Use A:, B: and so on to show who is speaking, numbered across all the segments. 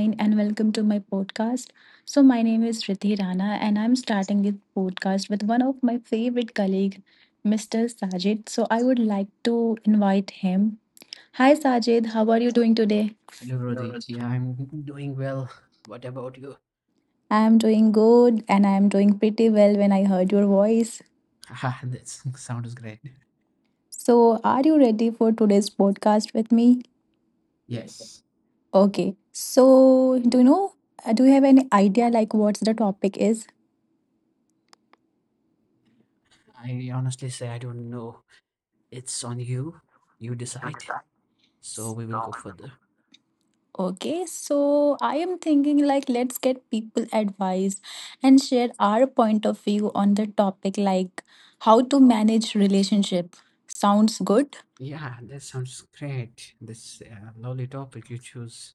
A: And welcome to my podcast. So, my name is Riddhi Rana, and I'm starting this podcast with one of my favorite colleague, Mr. Sajid. So, I would like to invite him. Hi, Sajid. How are you doing today?
B: Hello, Rodhi. Yeah, I'm doing well. What about you?
A: I'm doing good, and I'm doing pretty well when I heard your voice.
B: Haha, that sounds great.
A: So, are you ready for today's podcast with me?
B: Yes.
A: Okay. So, do you know? Do you have any idea like what the topic is?
B: I honestly say I don't know. It's on you. You decide. So we will go further.
A: Okay, so I am thinking like let's get people advice and share our point of view on the topic like how to manage relationship. Sounds good?
B: Yeah, that sounds great. This lovely topic you choose.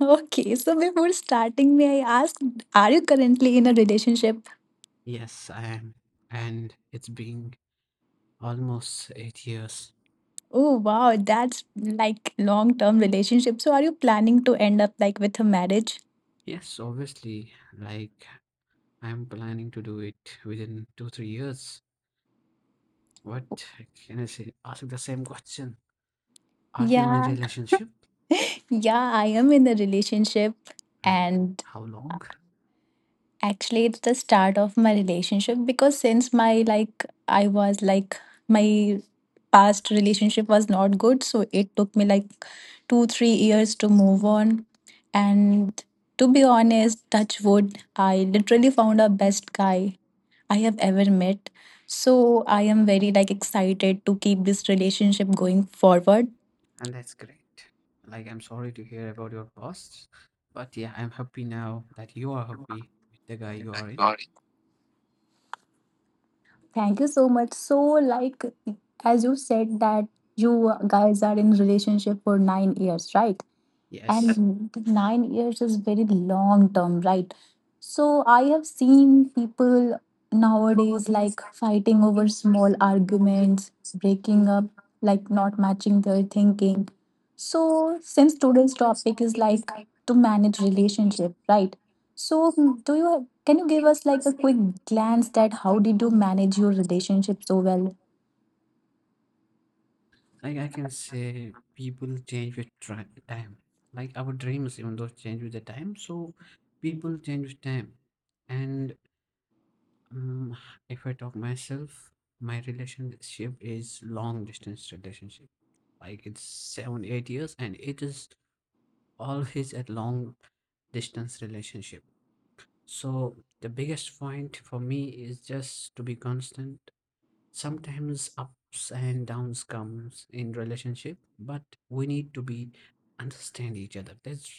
A: Okay, so before starting, may I ask, are you currently in a relationship?
B: Yes, I am. And it's been almost 8 years.
A: Oh wow, that's like long-term relationship. So are you planning to end up like with a marriage?
B: Yes, obviously. Like, I'm planning to do it within two, 3 years. What can I say? Ask the same question. Are you in a
A: Yeah.
B: relationship?
A: Yeah, I am in a relationship,
B: And
A: and
B: how long?
A: actually, it's the start of my relationship because since my like I was like my past relationship was not good, so it took me like 2, 3 years to move on. And to be honest, touch wood, I literally found a best guy I have ever met. So I am very like excited to keep this relationship going forward.
B: And that's great. Like, I'm sorry to hear about your past, but yeah, I'm happy now that you are happy with the guy you are in.
A: Thank you so much. So, like, as you said that you guys are in relationship for 9 years, right?
B: Yes.
A: And the 9 years is very long term, right? So I have seen people nowadays like fighting over small arguments, breaking up, like not matching their thinking. So since today's topic is like to manage relationship, right, so do you can you give us like a quick glance that how did you manage your relationship so well?
B: Like, I can say people change with time. Like, our dreams, even though, change with the time, so people change with time. And um, if I talk myself, my relationship is long distance relationship, like it's 7 8 years, and it is always a long distance relationship. So the biggest point for me is just to be constant. Sometimes ups and downs comes in relationship, but we need to be understand each other. That's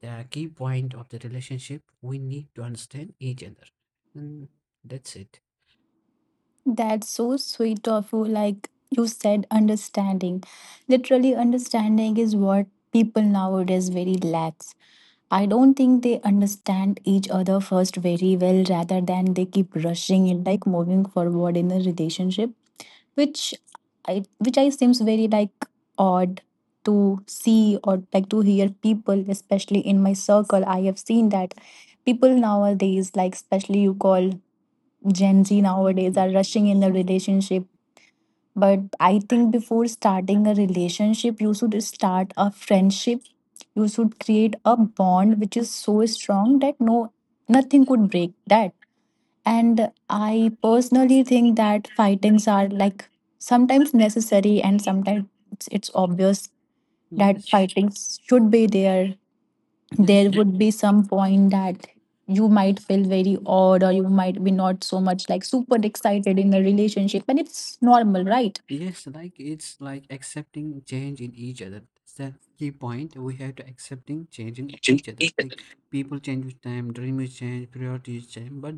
B: the key point of the relationship. We need to understand each other. And that's it.
A: That's so sweet of you. Like you said, understanding. Literally, understanding is what people nowadays very lacks. I don't think they understand each other first very well rather than they keep rushing it, like moving forward in a relationship, which which I seems very like odd to see or like to hear people, especially in my circle. I have seen that people nowadays, like especially you call Gen Z nowadays, are rushing in the relationship, but I think before starting a relationship, you should start a friendship. You should create a bond which is so strong that nothing could break that. And I personally think that fightings are like sometimes necessary, and sometimes it's obvious that
B: Yes.
A: fightings should be there.
B: Yes.
A: There would be some point that you might feel very odd or you might be not so much like super excited in a relationship, and it's normal, right?
B: Yes, like it's like accepting change in each other. That's the key point. We have to accepting change in each other. Like people change with time, dreams change, priorities change. But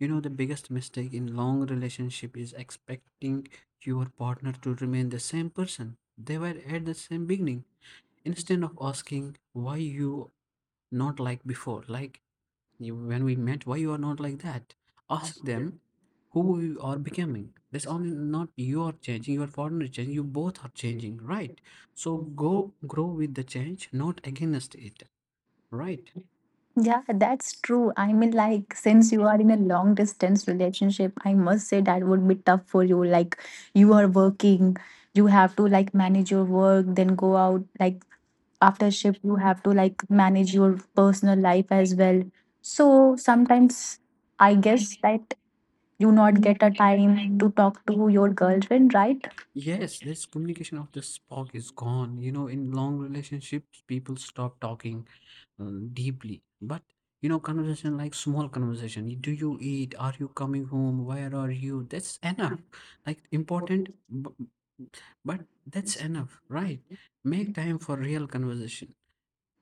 B: you know the biggest mistake in long relationship is expecting your partner to remain the same person they were at the same beginning. Instead of asking why you not like before, like you, when we met, why you are not like that, ask them who you are becoming. That's only not you are changing, your partner is changing, you both are changing, right? So go grow with the change, not against it, right?
A: Yeah, that's true. I mean, like, since you are in a long distance relationship, I must say that would be tough for you. Like, you are working, you have to like manage your work, then go out. Like, after shift, you have to like manage your personal life as well. So, sometimes I guess that you not get a time to talk to your girlfriend, right?
B: Yes, this communication of the spark is gone. You know, in long relationships, people stop talking deeply. But you know, conversation, like small conversation. Do you eat? Are you coming home? Where are you? That's enough. Like important, b- but that's enough, right? Make time for real conversation.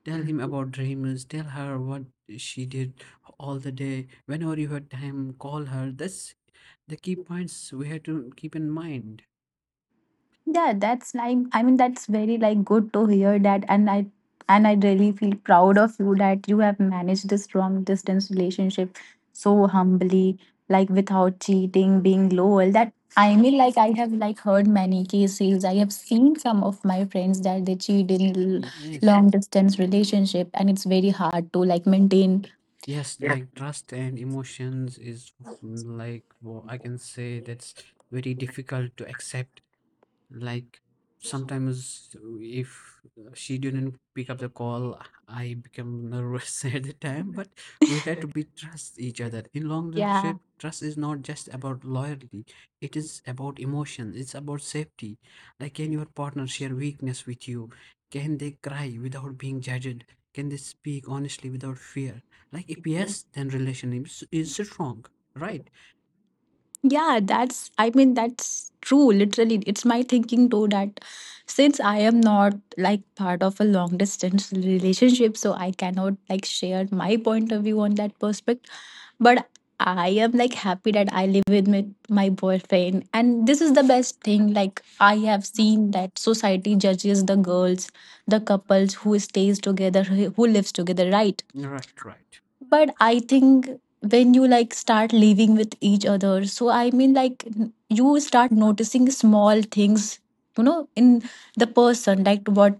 B: Tell him about dreams. Tell her what she did all the day. Whenever you have time, call her. That's the key points we have to keep in mind.
A: Yeah, that's like I mean that's very like good to hear that, and I really feel proud of you that you have managed this long distance relationship so humbly, like without cheating, being loyal. That I mean like I have like heard many cases. I have seen some of my friends that they cheat in
B: Yes.
A: long distance relationship, and it's very hard to like maintain.
B: Yes, like trust and emotions is like well, I can say that's very difficult to accept. Like, sometimes if she didn't pick up the call, I became nervous at the time, but we had to be trust each other. In long
A: Yeah.
B: relationship, trust is not just about loyalty, it is about emotion, it's about safety. Like, can your partner share weakness with you? Can they cry without being judged? Can they speak honestly without fear? Like, if yes, then relationship is strong. Right,
A: Yeah, that's, I mean, that's true. Literally, it's my thinking too that since I am not like part of a long distance relationship, so I cannot like share my point of view on that prospect. But I am like happy that I live with my boyfriend. And this is the best thing. Like, I have seen that society judges the girls, the couples who stays together, who lives together, right?
B: right, right.
A: But I think when you like start living with each other, so I mean like you start noticing small things, you know, in the person, like what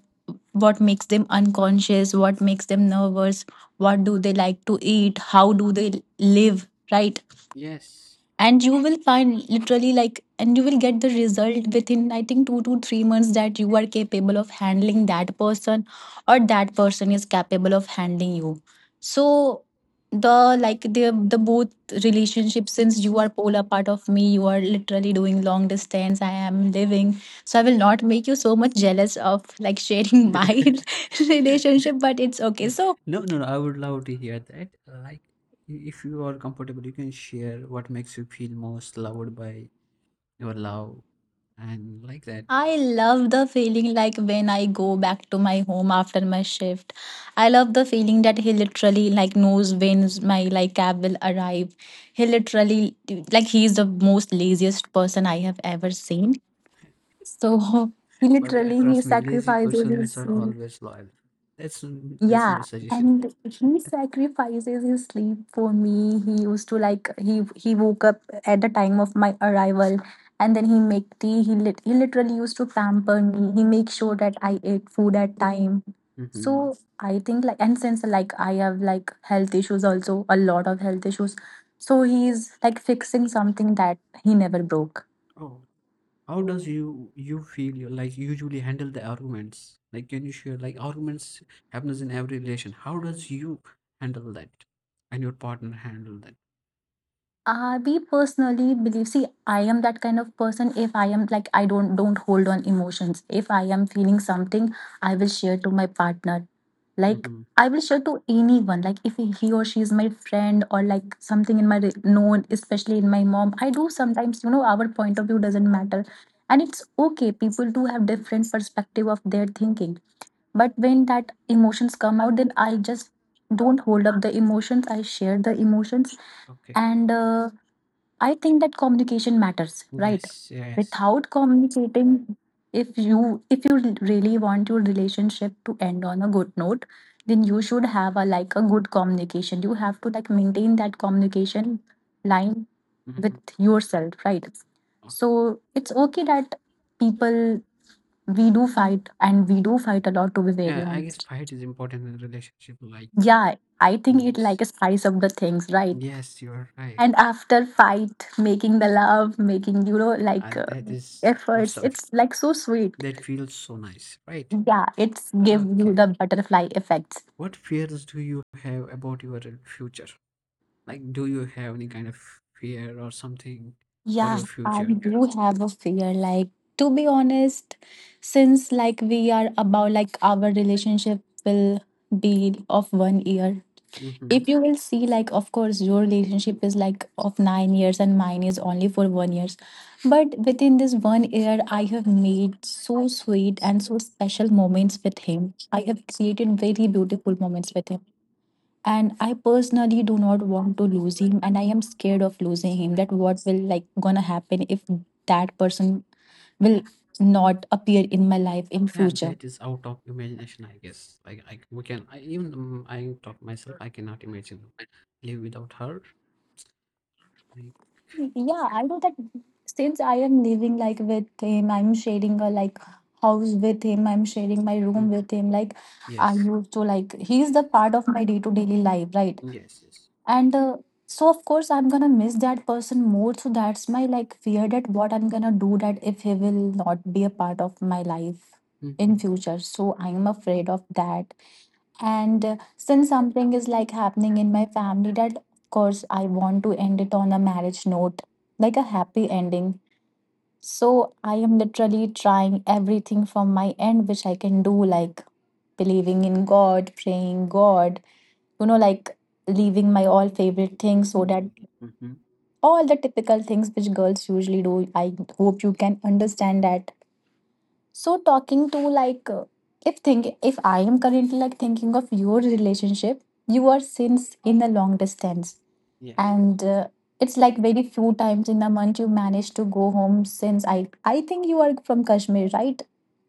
A: what makes them unconscious, what makes them nervous, what do they like to eat, how do they live, right?
B: Yes.
A: And you will find literally like, and you will get the result within I think 2 to 3 months that you are capable of handling that person or that person is capable of handling you. So the like the both relationship, since you are polar part of me, you are literally doing long distance, I am living, so I will not make you so much jealous of like sharing my relationship, but it's okay. So
B: No, no, no, I would love to hear that. Like, if you are comfortable, you can share what makes you feel most loved by your love and like that.
A: I love the feeling like when I go back to my home after my shift. I love the feeling that he literally like knows when my like cab will arrive. He literally like he is the most laziest person I have ever seen. So he
B: But
A: literally he
B: trust me, lazy
A: sacrifices his,
B: persons are always loyal. That's that's my
A: yeah,
B: suggestion.
A: and he sacrifices his sleep for me. He used to like he woke up at the time of my arrival, and then he make tea. He literally used to pamper me. He make sure that I ate food at time.
B: Hmm.
A: So I think like, and since like I have like health issues also, a lot of health issues, so he's like fixing something that he never broke.
B: Oh, how does you feel you like usually handle the arguments? Like, can you share? Like arguments happens in every relation. How does you handle that and your partner handle that?
A: I we personally believe, see, I am that kind of person, if I am like I don't hold on emotions. If I am feeling something, I will share to my partner, like
B: Mm-hmm.
A: I will share to anyone, like if he or she is my friend or like something in my known, especially in my mom. I do sometimes, you know, our point of view doesn't matter, and it's okay, people do have different perspective of their thinking. But when that emotions come out, then I just don't hold up the emotions, I share the emotions,
B: Okay.
A: and I think that communication matters, right? Without communicating, if you really want your relationship to end on a good note, then you should have a like a good communication. You have to like maintain that communication line with
B: Mm-hmm.
A: yourself, right? So it's okay that people we do fight, and we do fight a lot, to be very
B: Yeah, I guess
A: honest.
B: fight is important in a relationship. Like,
A: Yeah, I think it
B: yes,
A: like spice up the things, right?
B: yes, you are right,
A: And after fight, making the love, making you know like
B: and that is
A: efforts,
B: awesome.
A: it's like so sweet.
B: That feels so nice, right?
A: Yeah, it's give you
B: Okay.
A: the butterfly effects.
B: What fears do you have about your future? Like, do you have any kind of fear or something for
A: Yeah,
B: your
A: I
B: future?
A: do have a fear, like to be honest, since like we are about like our relationship will be of 1 year.
B: Hmm.
A: If you will see, like, of course your relationship is like of 9 years and mine is only for 1 years, but within this 1 year I have made so sweet and so special moments with him. I have created very beautiful moments with him, and I personally do not want to lose him, and I am scared of losing him, that what will like gonna happen if that person will not appear in my life in
B: Yeah,
A: future.
B: that is out of imagination, I guess. Like, I we can I, even I talk myself. I cannot imagine live without her. Like,
A: Yeah, I know that since I am living like with him, I'm sharing a like house with him, I'm sharing my room
B: mhm.
A: with him, like I
B: Yes,
A: used to like he's the part of my day to daily life, right?
B: yes, yes.
A: And so of course I'm gonna miss that person more, so that's my like fear, that what I'm gonna do that if he will not be a part of my life in
B: Hmm.
A: future. So I'm afraid of that, and since something is like happening in my family, that of course I want to end it on a marriage note, like a happy ending. So I am literally trying everything from my end which I can do, like believing in God, praying God, like leaving my all favorite things, so that
B: Mhm.
A: all the typical things which girls usually do. I hope you can understand that. So talking to like if I am currently like thinking of your relationship, you are since in a long distance,
B: Yes.
A: and it's like very few times in a month you manage to go home, since I think you are from Kashmir, right?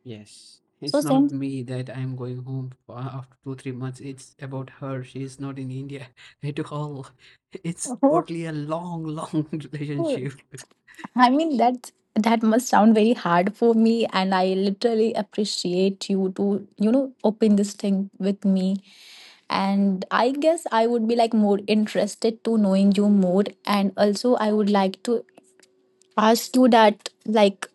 B: Yes,
A: So
B: it's not
A: since
B: me that I'm going home for after two, 3 months. It's about her. She's not in India at all. It's
A: oh,
B: totally a long, long
A: cool.
B: relationship.
A: I mean that must sound very hard for me and I literally appreciate you to you know open this thing with me, and I guess I would be like more interested to knowing you more. And also I would like to ask you that like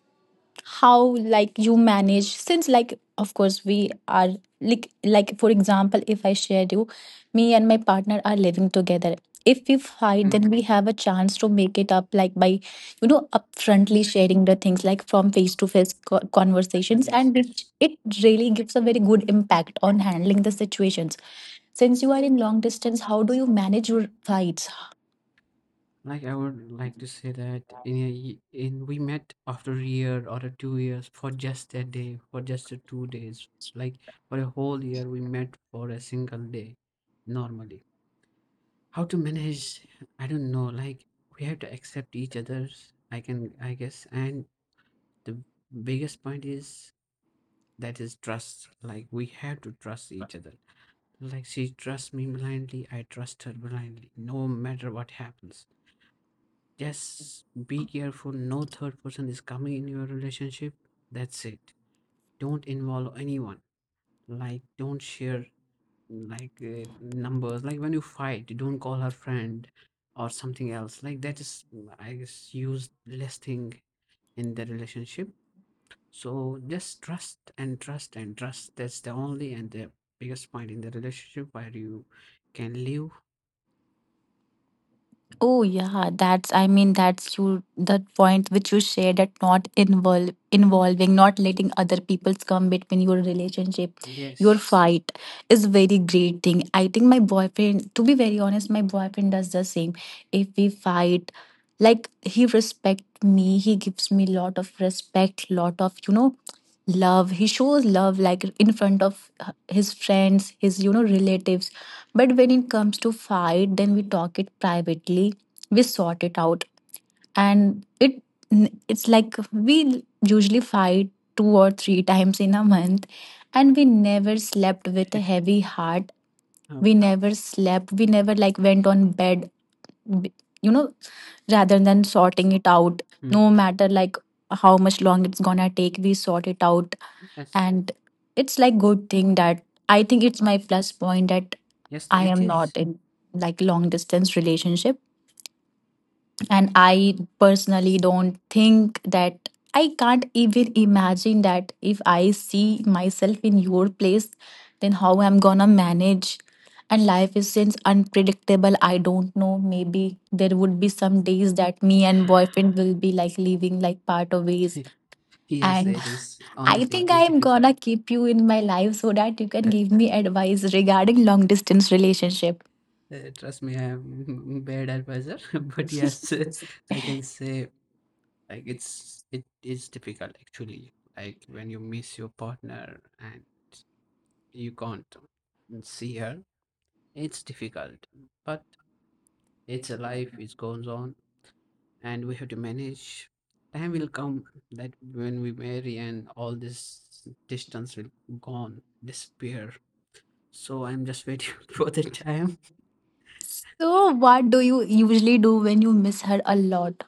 A: how like you manage, since like of course we are like for example if I share you, me and my partner are living together, if we fight
B: Mhm.
A: then we have a chance to make it up like by you know upfrontly sharing the things like from face to face conversations
B: Yes,
A: and
B: yes.
A: it really gives a very good impact on handling the situations. Since you are in long distance, how do you manage your fights?
B: Like I would like to say that in a, in we met after a year or a 2 years for just a day, for just a 2 days. Like for a whole year, we met for a single day normally. How to manage? I don't know. Like we have to accept each other's. I can, I guess. And the biggest point is that is trust. Like we have to trust each other. Like she trusts me blindly. I trust her blindly. No matter what happens. Just be careful. No third person is coming in your relationship. That's it. Don't involve anyone. Like don't share like numbers. Like when you fight, you don't call her friend or something else. Like that is, I guess, used less thing in the relationship. So just trust and trust and trust. That's the only and the biggest point in the relationship where you can live.
A: Oh yeah, that's I mean that's you the point which you shared that not involve involving, not letting other people's come between your relationship, your
B: Yes.
A: fight is very great thing. I think my boyfriend, to be very honest, my boyfriend does the same. If we fight, like he respect me, he gives me lot of respect, lot of you know love. He shows love like in front of his friends, his you know relatives, but when it comes to fight then we talk it privately, we sort it out. And it's like we usually fight two or three times in a month and we never slept with a heavy heart, we
B: Okay.
A: never slept, we never like went on bed b- you know rather than sorting it out. No
B: Mhm.
A: matter like how much long it's gonna take, we sort it out.
B: Yes,
A: And it's like good thing that I think it's my plus point that
B: yes,
A: I
B: it
A: am
B: is.
A: not in like long distance relationship. And I personally don't think that I can't even imagine that if I see myself in your place, then how I'm gonna manage. And life is since unpredictable, I don't know, maybe there would be some days that me and boyfriend will be like leaving like part of ways.
B: Yes,
A: And
B: it is.
A: I
B: Honestly, it
A: think I
B: is
A: am
B: difficult.
A: gonna keep you in my life so that you can
B: Uh,
A: give me advice regarding long distance relationship.
B: Trust me, I'm bad advisor, but yes, I can say like it is difficult actually. Like when you miss your partner and you can't see her, it's difficult. But it's a life, it goes on, and we have to manage. Time will come that when we marry and all this distance will gone, disappear. So I'm just waiting for the time.
A: So what do you usually do when you miss her a lot?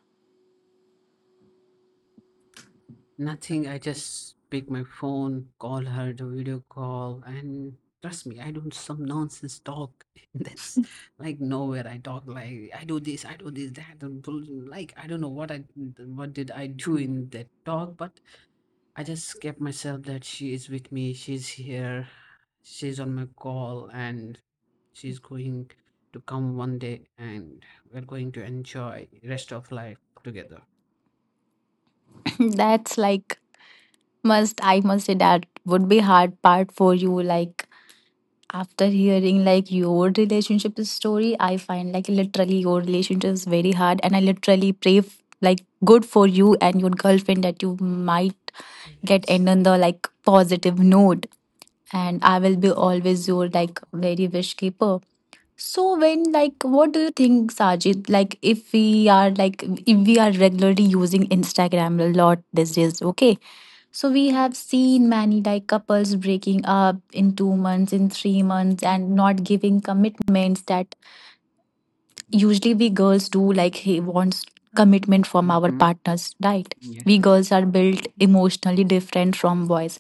B: Nothing. I just pick my phone, call her, the video call, and trust me, I do some nonsense talk that's like nowhere. I talk like I do this, that, and like I don't know what I what did I do in that talk, but I just kept myself that she is with me, she's here, she's on my call, and she's going to come one day, and we're going to enjoy rest of life together.
A: That's like must I must say that would be hard part for you. Like after hearing like your relationship story, I find like literally your relationship is very hard, and I literally pray like good for you and your girlfriend that you might get end on the like positive note. And I will be always your like very wish keeper. So when like what do you think, Sajid? Like if we are like if we are regularly using Instagram a lot these days, okay? So we have seen many like couples breaking up in 2 months, in 3 months, and not giving commitments that usually we girls do. Like he wants commitment from our
B: Mm.
A: partners, right?
B: Yes,
A: We
B: yes.
A: girls are built emotionally different from boys.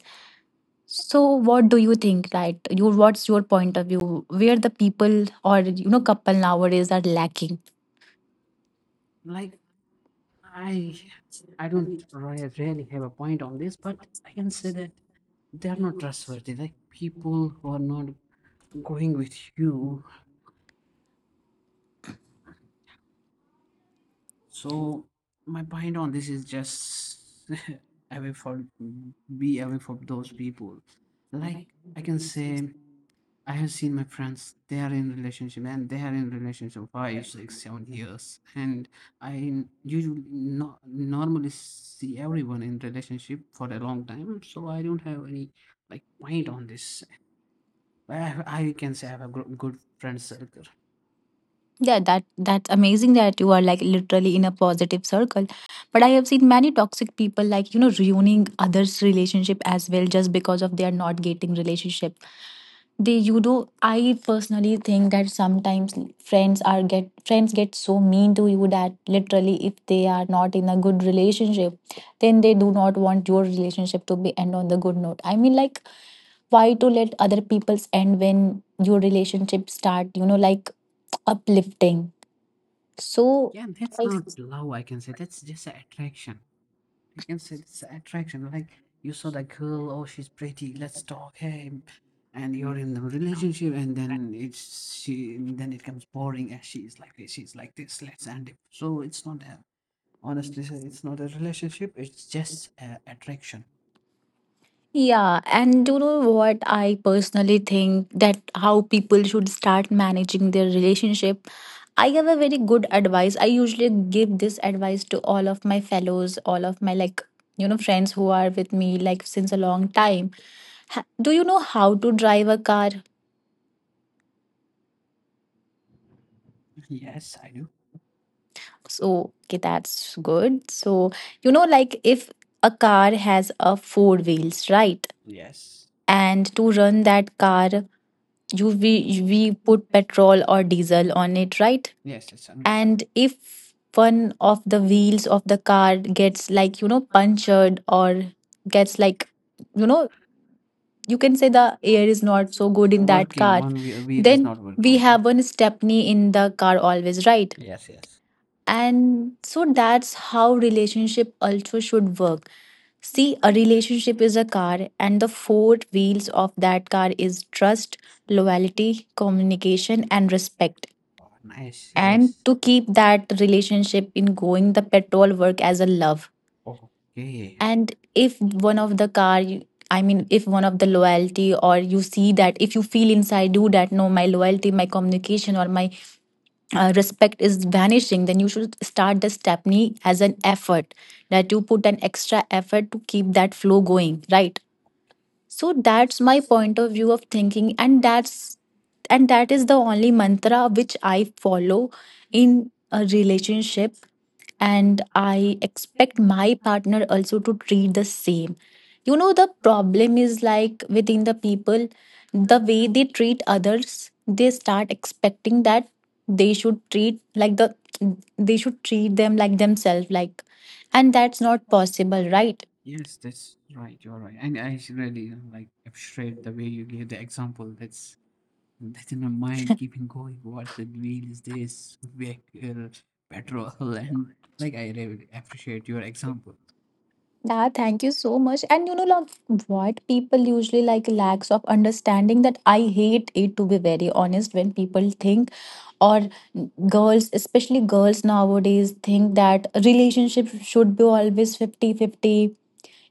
A: So what do you think, right? You what's your point of view? Where the people or you know couple nowadays are lacking?
B: Like I I don't really have a point on this, but I can say that they are not trustworthy. Like people who are not going with you. So my point on this is just away for be away from those people. Like I can say I have seen my friends, they are in relationship, and they are in relationship five, six, 7 years. And I usually not normally see everyone in relationship for a long time. So I don't have any like point on this. I can say I have a good friend circle.
A: Yeah, that's amazing that you are like literally in a positive circle. But I have seen many toxic people like, you know, ruining others' relationship as well just because of they are not getting relationship. They you know, I personally think that sometimes friends get so mean to you that literally if they are not in a good relationship, then they do not want your relationship to be end on the good note. I mean like why to let other people's end when your relationship start, you know, like uplifting. So,
B: Yeah, that's
A: I
B: not love, I can say. That's just a attraction. I can say it's attraction. Like you saw that girl, oh, she's pretty. Let's talk. Hey, and you're in the relationship, and then it's she. Then it comes boring. As she's like this, she's like this. Let's end it. So it's not a honestly, sir, it's not a relationship. It's just a attraction.
A: yeah, and you know what I personally think that how people should start managing their relationship. I have a very good advice. I usually give this advice to all of my fellows, all of my like, you know, friends who are with me like since a long time. Do you know how to drive a car?
B: Yes, I do.
A: So, okay, that's good. So, you know, like if a car has a four wheels, right?
B: Yes,
A: And to run that car you we put petrol or diesel on it, right?
B: yes, it's
A: And if one of the wheels of the car gets like you know punctured or gets like you know you can say the air is not so good in that
B: working.
A: car,
B: One wheel, wheel is
A: then
B: not working.
A: we
B: Okay.
A: have one stepney in the car always, right?
B: Yes, yes.
A: And so that's how relationship also should work. See, a relationship is a car, and the four wheels of that car is trust, loyalty, communication, and respect.
B: Oh, nice.
A: And
B: Yes.
A: to keep that relationship in going, the petrol work as a love.
B: Okay.
A: And if one of the car, I mean, if one of the loyalty, or you see that, if you feel inside you that no, my loyalty, my communication, or my respect is vanishing, then you should start the stepney as an effort that you put an extra effort to keep that flow going, right? So that's my point of view of thinking, and that's and that is the only mantra which I follow in a relationship, and I expect my partner also to treat the same. You know, the problem is like within the people the way they treat others they start expecting that they should treat like the they should treat them like themselves, like, and that's not possible, right?
B: Yes, that's right. You're right, and I really like appreciate the way you gave the example. That's in my mind keeping going. What the wheel is this vehicle, petrol, and like I really appreciate your example.
A: Yeah, thank you so much. And you know, like what people usually like lacks of understanding, that I hate it to be very honest when people think or girls, especially girls nowadays, think that relationship should be always 50 50.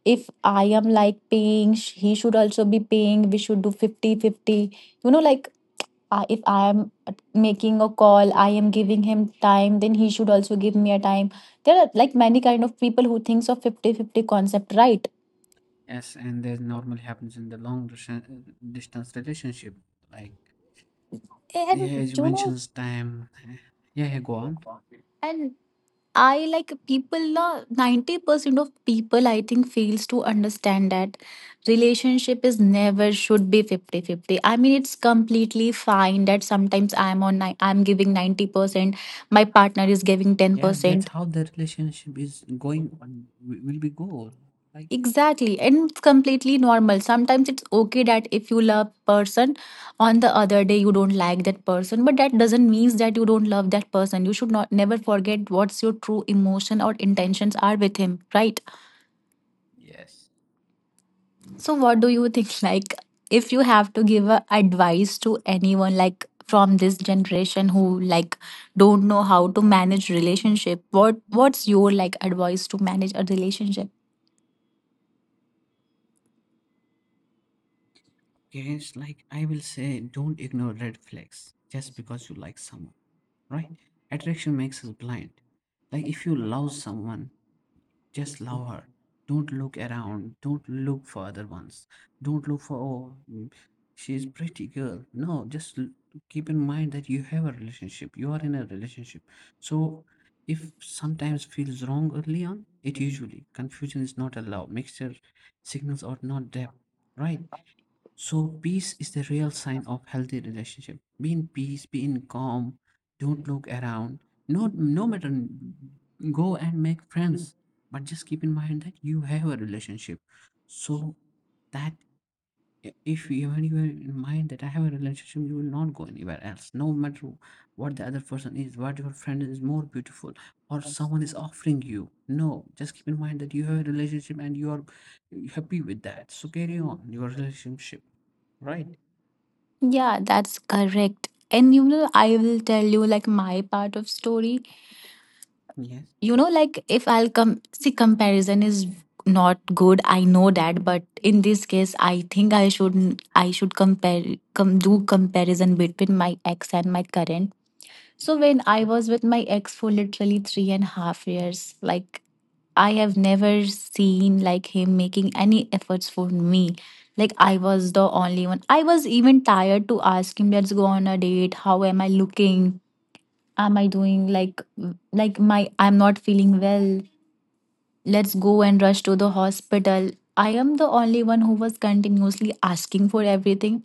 A: If I am like paying, he should also be paying. We should do 50 50. You know, like I if I am making a call, I am giving him time, then he should also give me a time. There are like many kind of people who thinks of 50 50 concept, right?
B: Yes, and that normally happens in the long distance relationship. Like
A: And
B: yeah, as you
A: you know,
B: mentioned, time. Yeah, yeah, go on.
A: and I like people, na, 90% of people I think fails to understand that relationship is never should be 50-50. I mean, it's completely fine that sometimes I'm on, I'm giving 90%, my partner is giving
B: Yes, that's
A: 10%.
B: how the relationship is going. Will be go like.
A: Exactly, and it's completely normal. Sometimes it's okay that if you love person, on the other day you don't like that person, but that doesn't mean that you don't love that person. You should not never forget what's your true emotion or intentions are with him, right?
B: Yes.
A: So what do you think? Like, if you have to give a advice to anyone, like from this generation who like don't know how to manage relationship, what's your like advice to manage a relationship?
B: Yes, like I will say, don't ignore red flags just because you like someone, right? Attraction makes us blind. Like if you love someone, just love her. Don't look around. Don't look for other ones. Don't look for, oh, mm, she's pretty girl. No, just keep in mind that you have a relationship. You are in a relationship. So if sometimes feels wrong early on, it usually confusion is not allowed. Mixture signals are not depth, right? So peace is the real sign of healthy relationship. Be in peace, be in calm, don't look around. No matter, go and make friends. But just keep in mind that you have a relationship. So that if you, when you have in mind that I have a relationship, you will not go anywhere else. No matter what the other person is, what your friend is more beautiful, or someone is offering you. No, just keep in mind that you have a relationship and you are happy with that. So carry on your relationship, right?
A: Yeah, that's correct. And you know, I will tell you like my part of story.
B: Yes.
A: You know, like if I'll come see comparison is not good. I know that, but in this case, I think I should compare com do comparison between my ex and my current. So when I was with my ex for literally 3.5 years, like I have never seen like him making any efforts for me. Like I was the only one. I was even tired to ask him, let's go on a date. How am I looking? Am I doing like my I'm not feeling well. Let's go and rush to the hospital. I am the only one who was continuously asking for everything.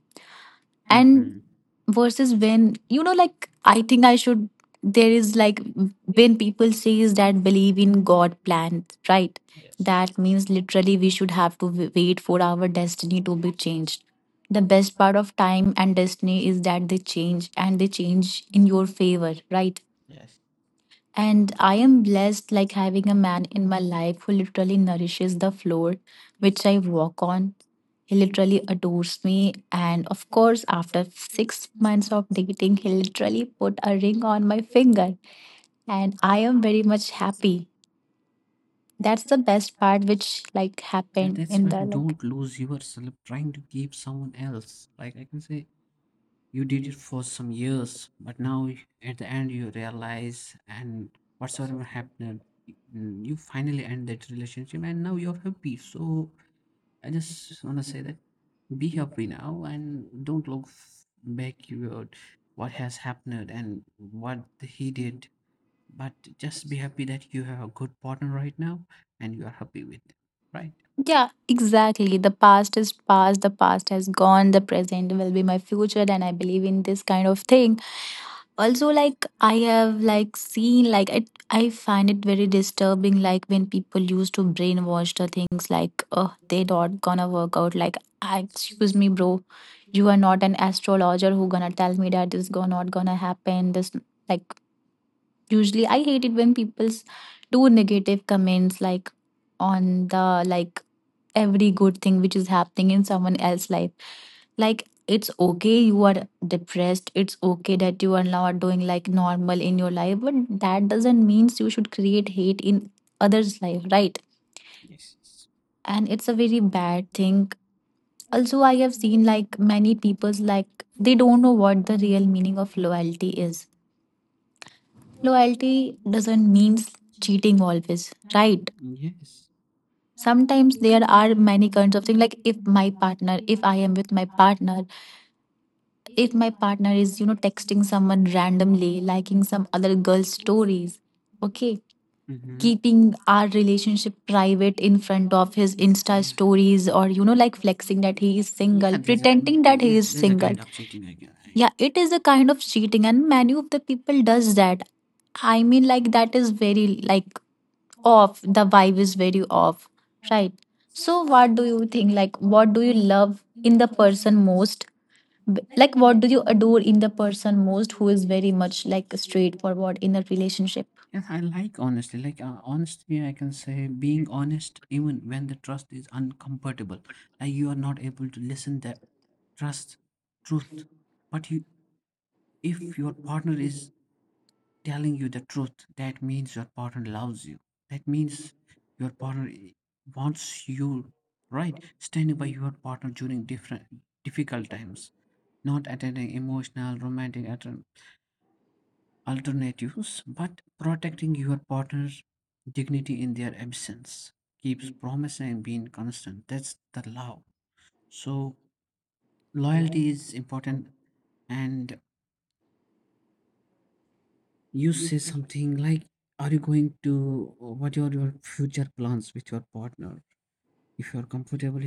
A: And
B: Mm-hmm.
A: versus when you know like I think I should there is like when people says that believe in god plan right
B: Yes.
A: that means literally we should have to wait for our destiny to be changed the best part of time and destiny is that they change and they change in your favor, right?
B: Yes.
A: And I am blessed like having a man in my life who literally nourishes the floor which I walk on. He literally adores me. And of course, after 6 months of dating, he literally put a ring on my finger. And I am very much happy. That's the best part which like
B: Yeah,
A: happened
B: that's
A: in
B: why
A: the like
B: don't lose yourself trying to keep someone else. Like I can say, you did it for some years, but now at the end you realize, and whatsoever happened you finally end that relationship and now you're happy. So I just want to say that be happy now and don't look backward what has happened and what he did, but just be happy that you have a good partner right now and you are happy with them, right?
A: yeah, exactly. The past is past, the past has gone, the present will be my future, and I believe in this kind of thing also. Like I have like seen like I find it very disturbing like when people used to brainwash the things like oh they not gonna work out like "Ah, excuse me bro, you are not an astrologer who gonna tell me that this go not gonna happen this like." Usually, I hate it when people do negative comments like on the like every good thing which is happening in someone else's life. Like it's okay you are depressed, it's okay that you are not doing like normal in your life, but that doesn't mean you should create hate in others' life, right?
B: Yes. Yes.
A: And it's a very bad thing also. I have seen like many people's like they don't know what the real meaning of loyalty is. Loyalty doesn't mean cheating always, right?
B: Yes.
A: Sometimes there are many kinds of things. Like if my partner, if I am with my partner, if my partner is, you know, texting someone randomly, liking some other girl's stories, okay,
B: Mm-hmm.
A: keeping our relationship private in front of his Insta
B: Yeah.
A: stories or, you know, like flexing that he is single,
B: Yeah, there's a
A: pretending that he
B: yes,
A: is
B: there's a
A: single.
B: kind of cheating. I can. I,
A: Yeah, it is a kind of cheating, and many of the people does that. I mean, like that is very like off. The vibe is very off, right? So, what do you think? Like, what do you love in the person most? Like, what do you adore in the person most who is very much like straightforward in a relationship?
B: yes, I like honestly. Like honestly, I can say being honest even when the trust is uncomfortable. Like you are not able to listen the trust truth, but you, if your partner is telling you the truth, that means your partner loves you. That means your partner wants you, right? Standing by your partner during different difficult times, not at an emotional, romantic, alternatives, but protecting your partner's dignity in their absence, keeps promise and being constant. That's the love. So loyalty is important. And you say something like, "Are you going to? What are your future plans with your partner? If you're comfortable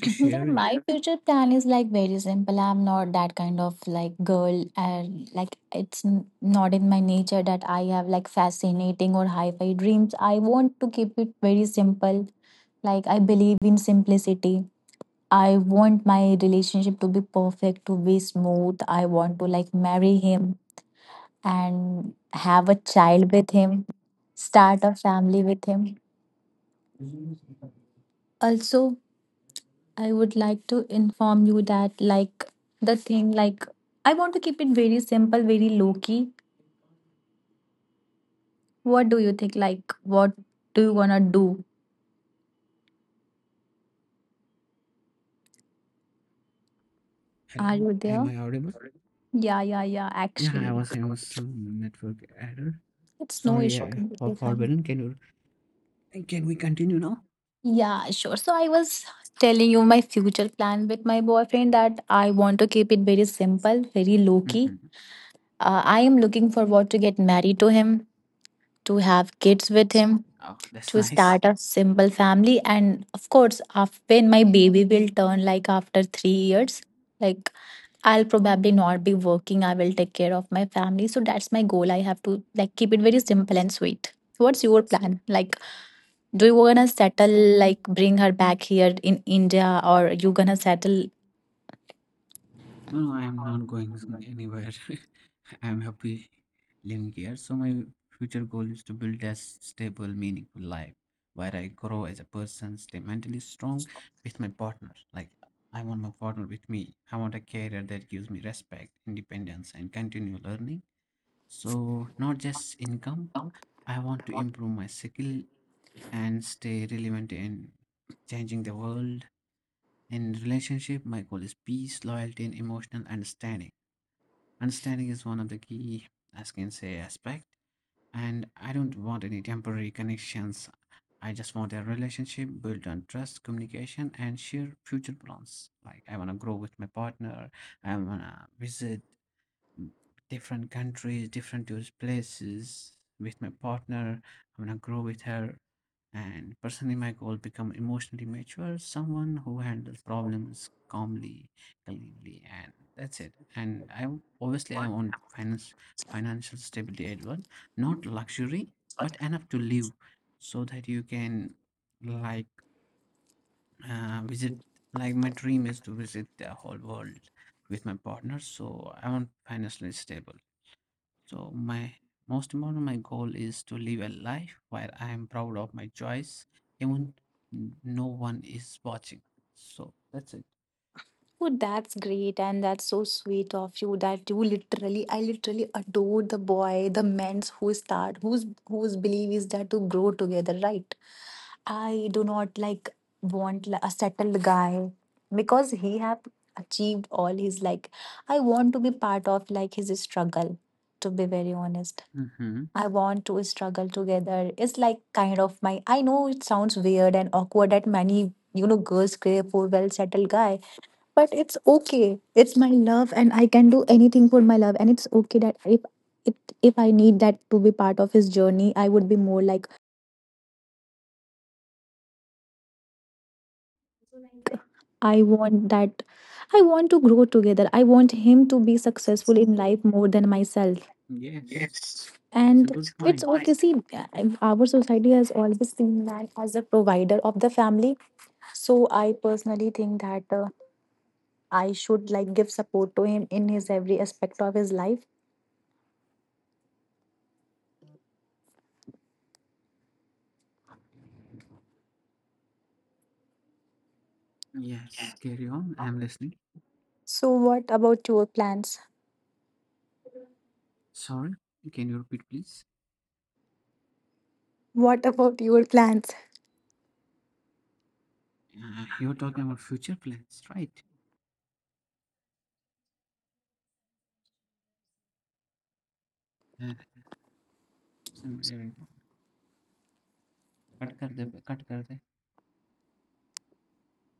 B: to
A: Yeah,
B: share."
A: my future plan is like very simple. I'm not that kind of like girl, and like it's not in my nature that I have like fascinating or high fi dreams. I want to keep it very simple. Like, I believe in simplicity. I want my relationship to be perfect, to be smooth. I want to like marry him and have a child with him, start a family with him. Also, I would like to inform you that like the thing like I want to keep it very simple, very low key. What do you think? Like, what do you wanna do? Are
B: Hello,
A: you
B: am
A: there?
B: I audible?
A: Yeah, yeah, yeah.
B: Yeah, I
A: Actually,
B: was having some network error.
A: it's no
B: Sorry
A: issue.
B: for
A: Completely fine.
B: forbidden. Can you can we continue now?
A: Yeah, sure. So I was telling you my future plan with my boyfriend that I want to keep it very simple, very low key.
B: Hmm.
A: I am looking forward to get married to him, to have kids with him,
B: Oh, that's
A: to
B: nice.
A: start a simple family, and of course, after when my baby will turn like after 3 years, like I'll probably not be working. I will take care of my family. So that's my goal. I have to like keep it very simple and sweet. What's your plan? Like do you wanna settle, like bring her back here in India, or you gonna settle?
B: No, no, I'm not going anywhere. I'm happy living here. So my future goal is to build a stable, meaningful life where I grow as a person, stay mentally strong with my partner. Like I want my partner with me. I want a career that gives me respect, independence, and continue learning. So not just income, I want to improve my skill and stay relevant in changing the world. In relationship, my goal is peace, loyalty, and emotional understanding. Understanding is one of the key, as can say, aspect. And I don't want any temporary connections. I just want a relationship built on trust, communication, and shared future plans. Like I want to grow with my partner. I want to visit mm, different countries, different to places with my partner. I'm gonna grow with her. And personally, my goal become emotionally mature, someone who handles problems calmly, cleanly, and that's it. And I obviously I want finance financial stability at once, not luxury, but enough to live, so that you can like visit. Like my dream is to visit the whole world with my partner, so I want financially stable. So my most important my goal is to live a life where I am proud of my choice, even no one is watching. So that's it.
A: Oh, that's great, and that's so sweet of you that you literally, I literally adore the boy, the men's who start, whose belief is that to grow together, right? I do not like want a settled guy because he have achieved all his like. I want to be part of like his struggle, to be very honest.
B: Mm-hmm.
A: I want to struggle together is like kind of my I know it sounds weird and awkward that many you know girls crave for well settled guy, but it's okay, it's my love and I can do anything for my love. And it's okay that if it if I need that to be part of his journey, I would be more like I want that I want to grow together. I want him to be successful in life more than myself.
B: Yes, that's a
A: And
B: good
A: it's
B: point.
A: okay. See, our society has always seen man as a provider of the family. So I personally think that I should like give support to him in his every aspect of his life.
B: Yes, carry on. I'm listening.
A: So what about your plans?
B: Sorry, can you repeat, please?
A: What about your plans?
B: You're talking about future plans, right? Uh, some- uh, cut kar de, cut kar de.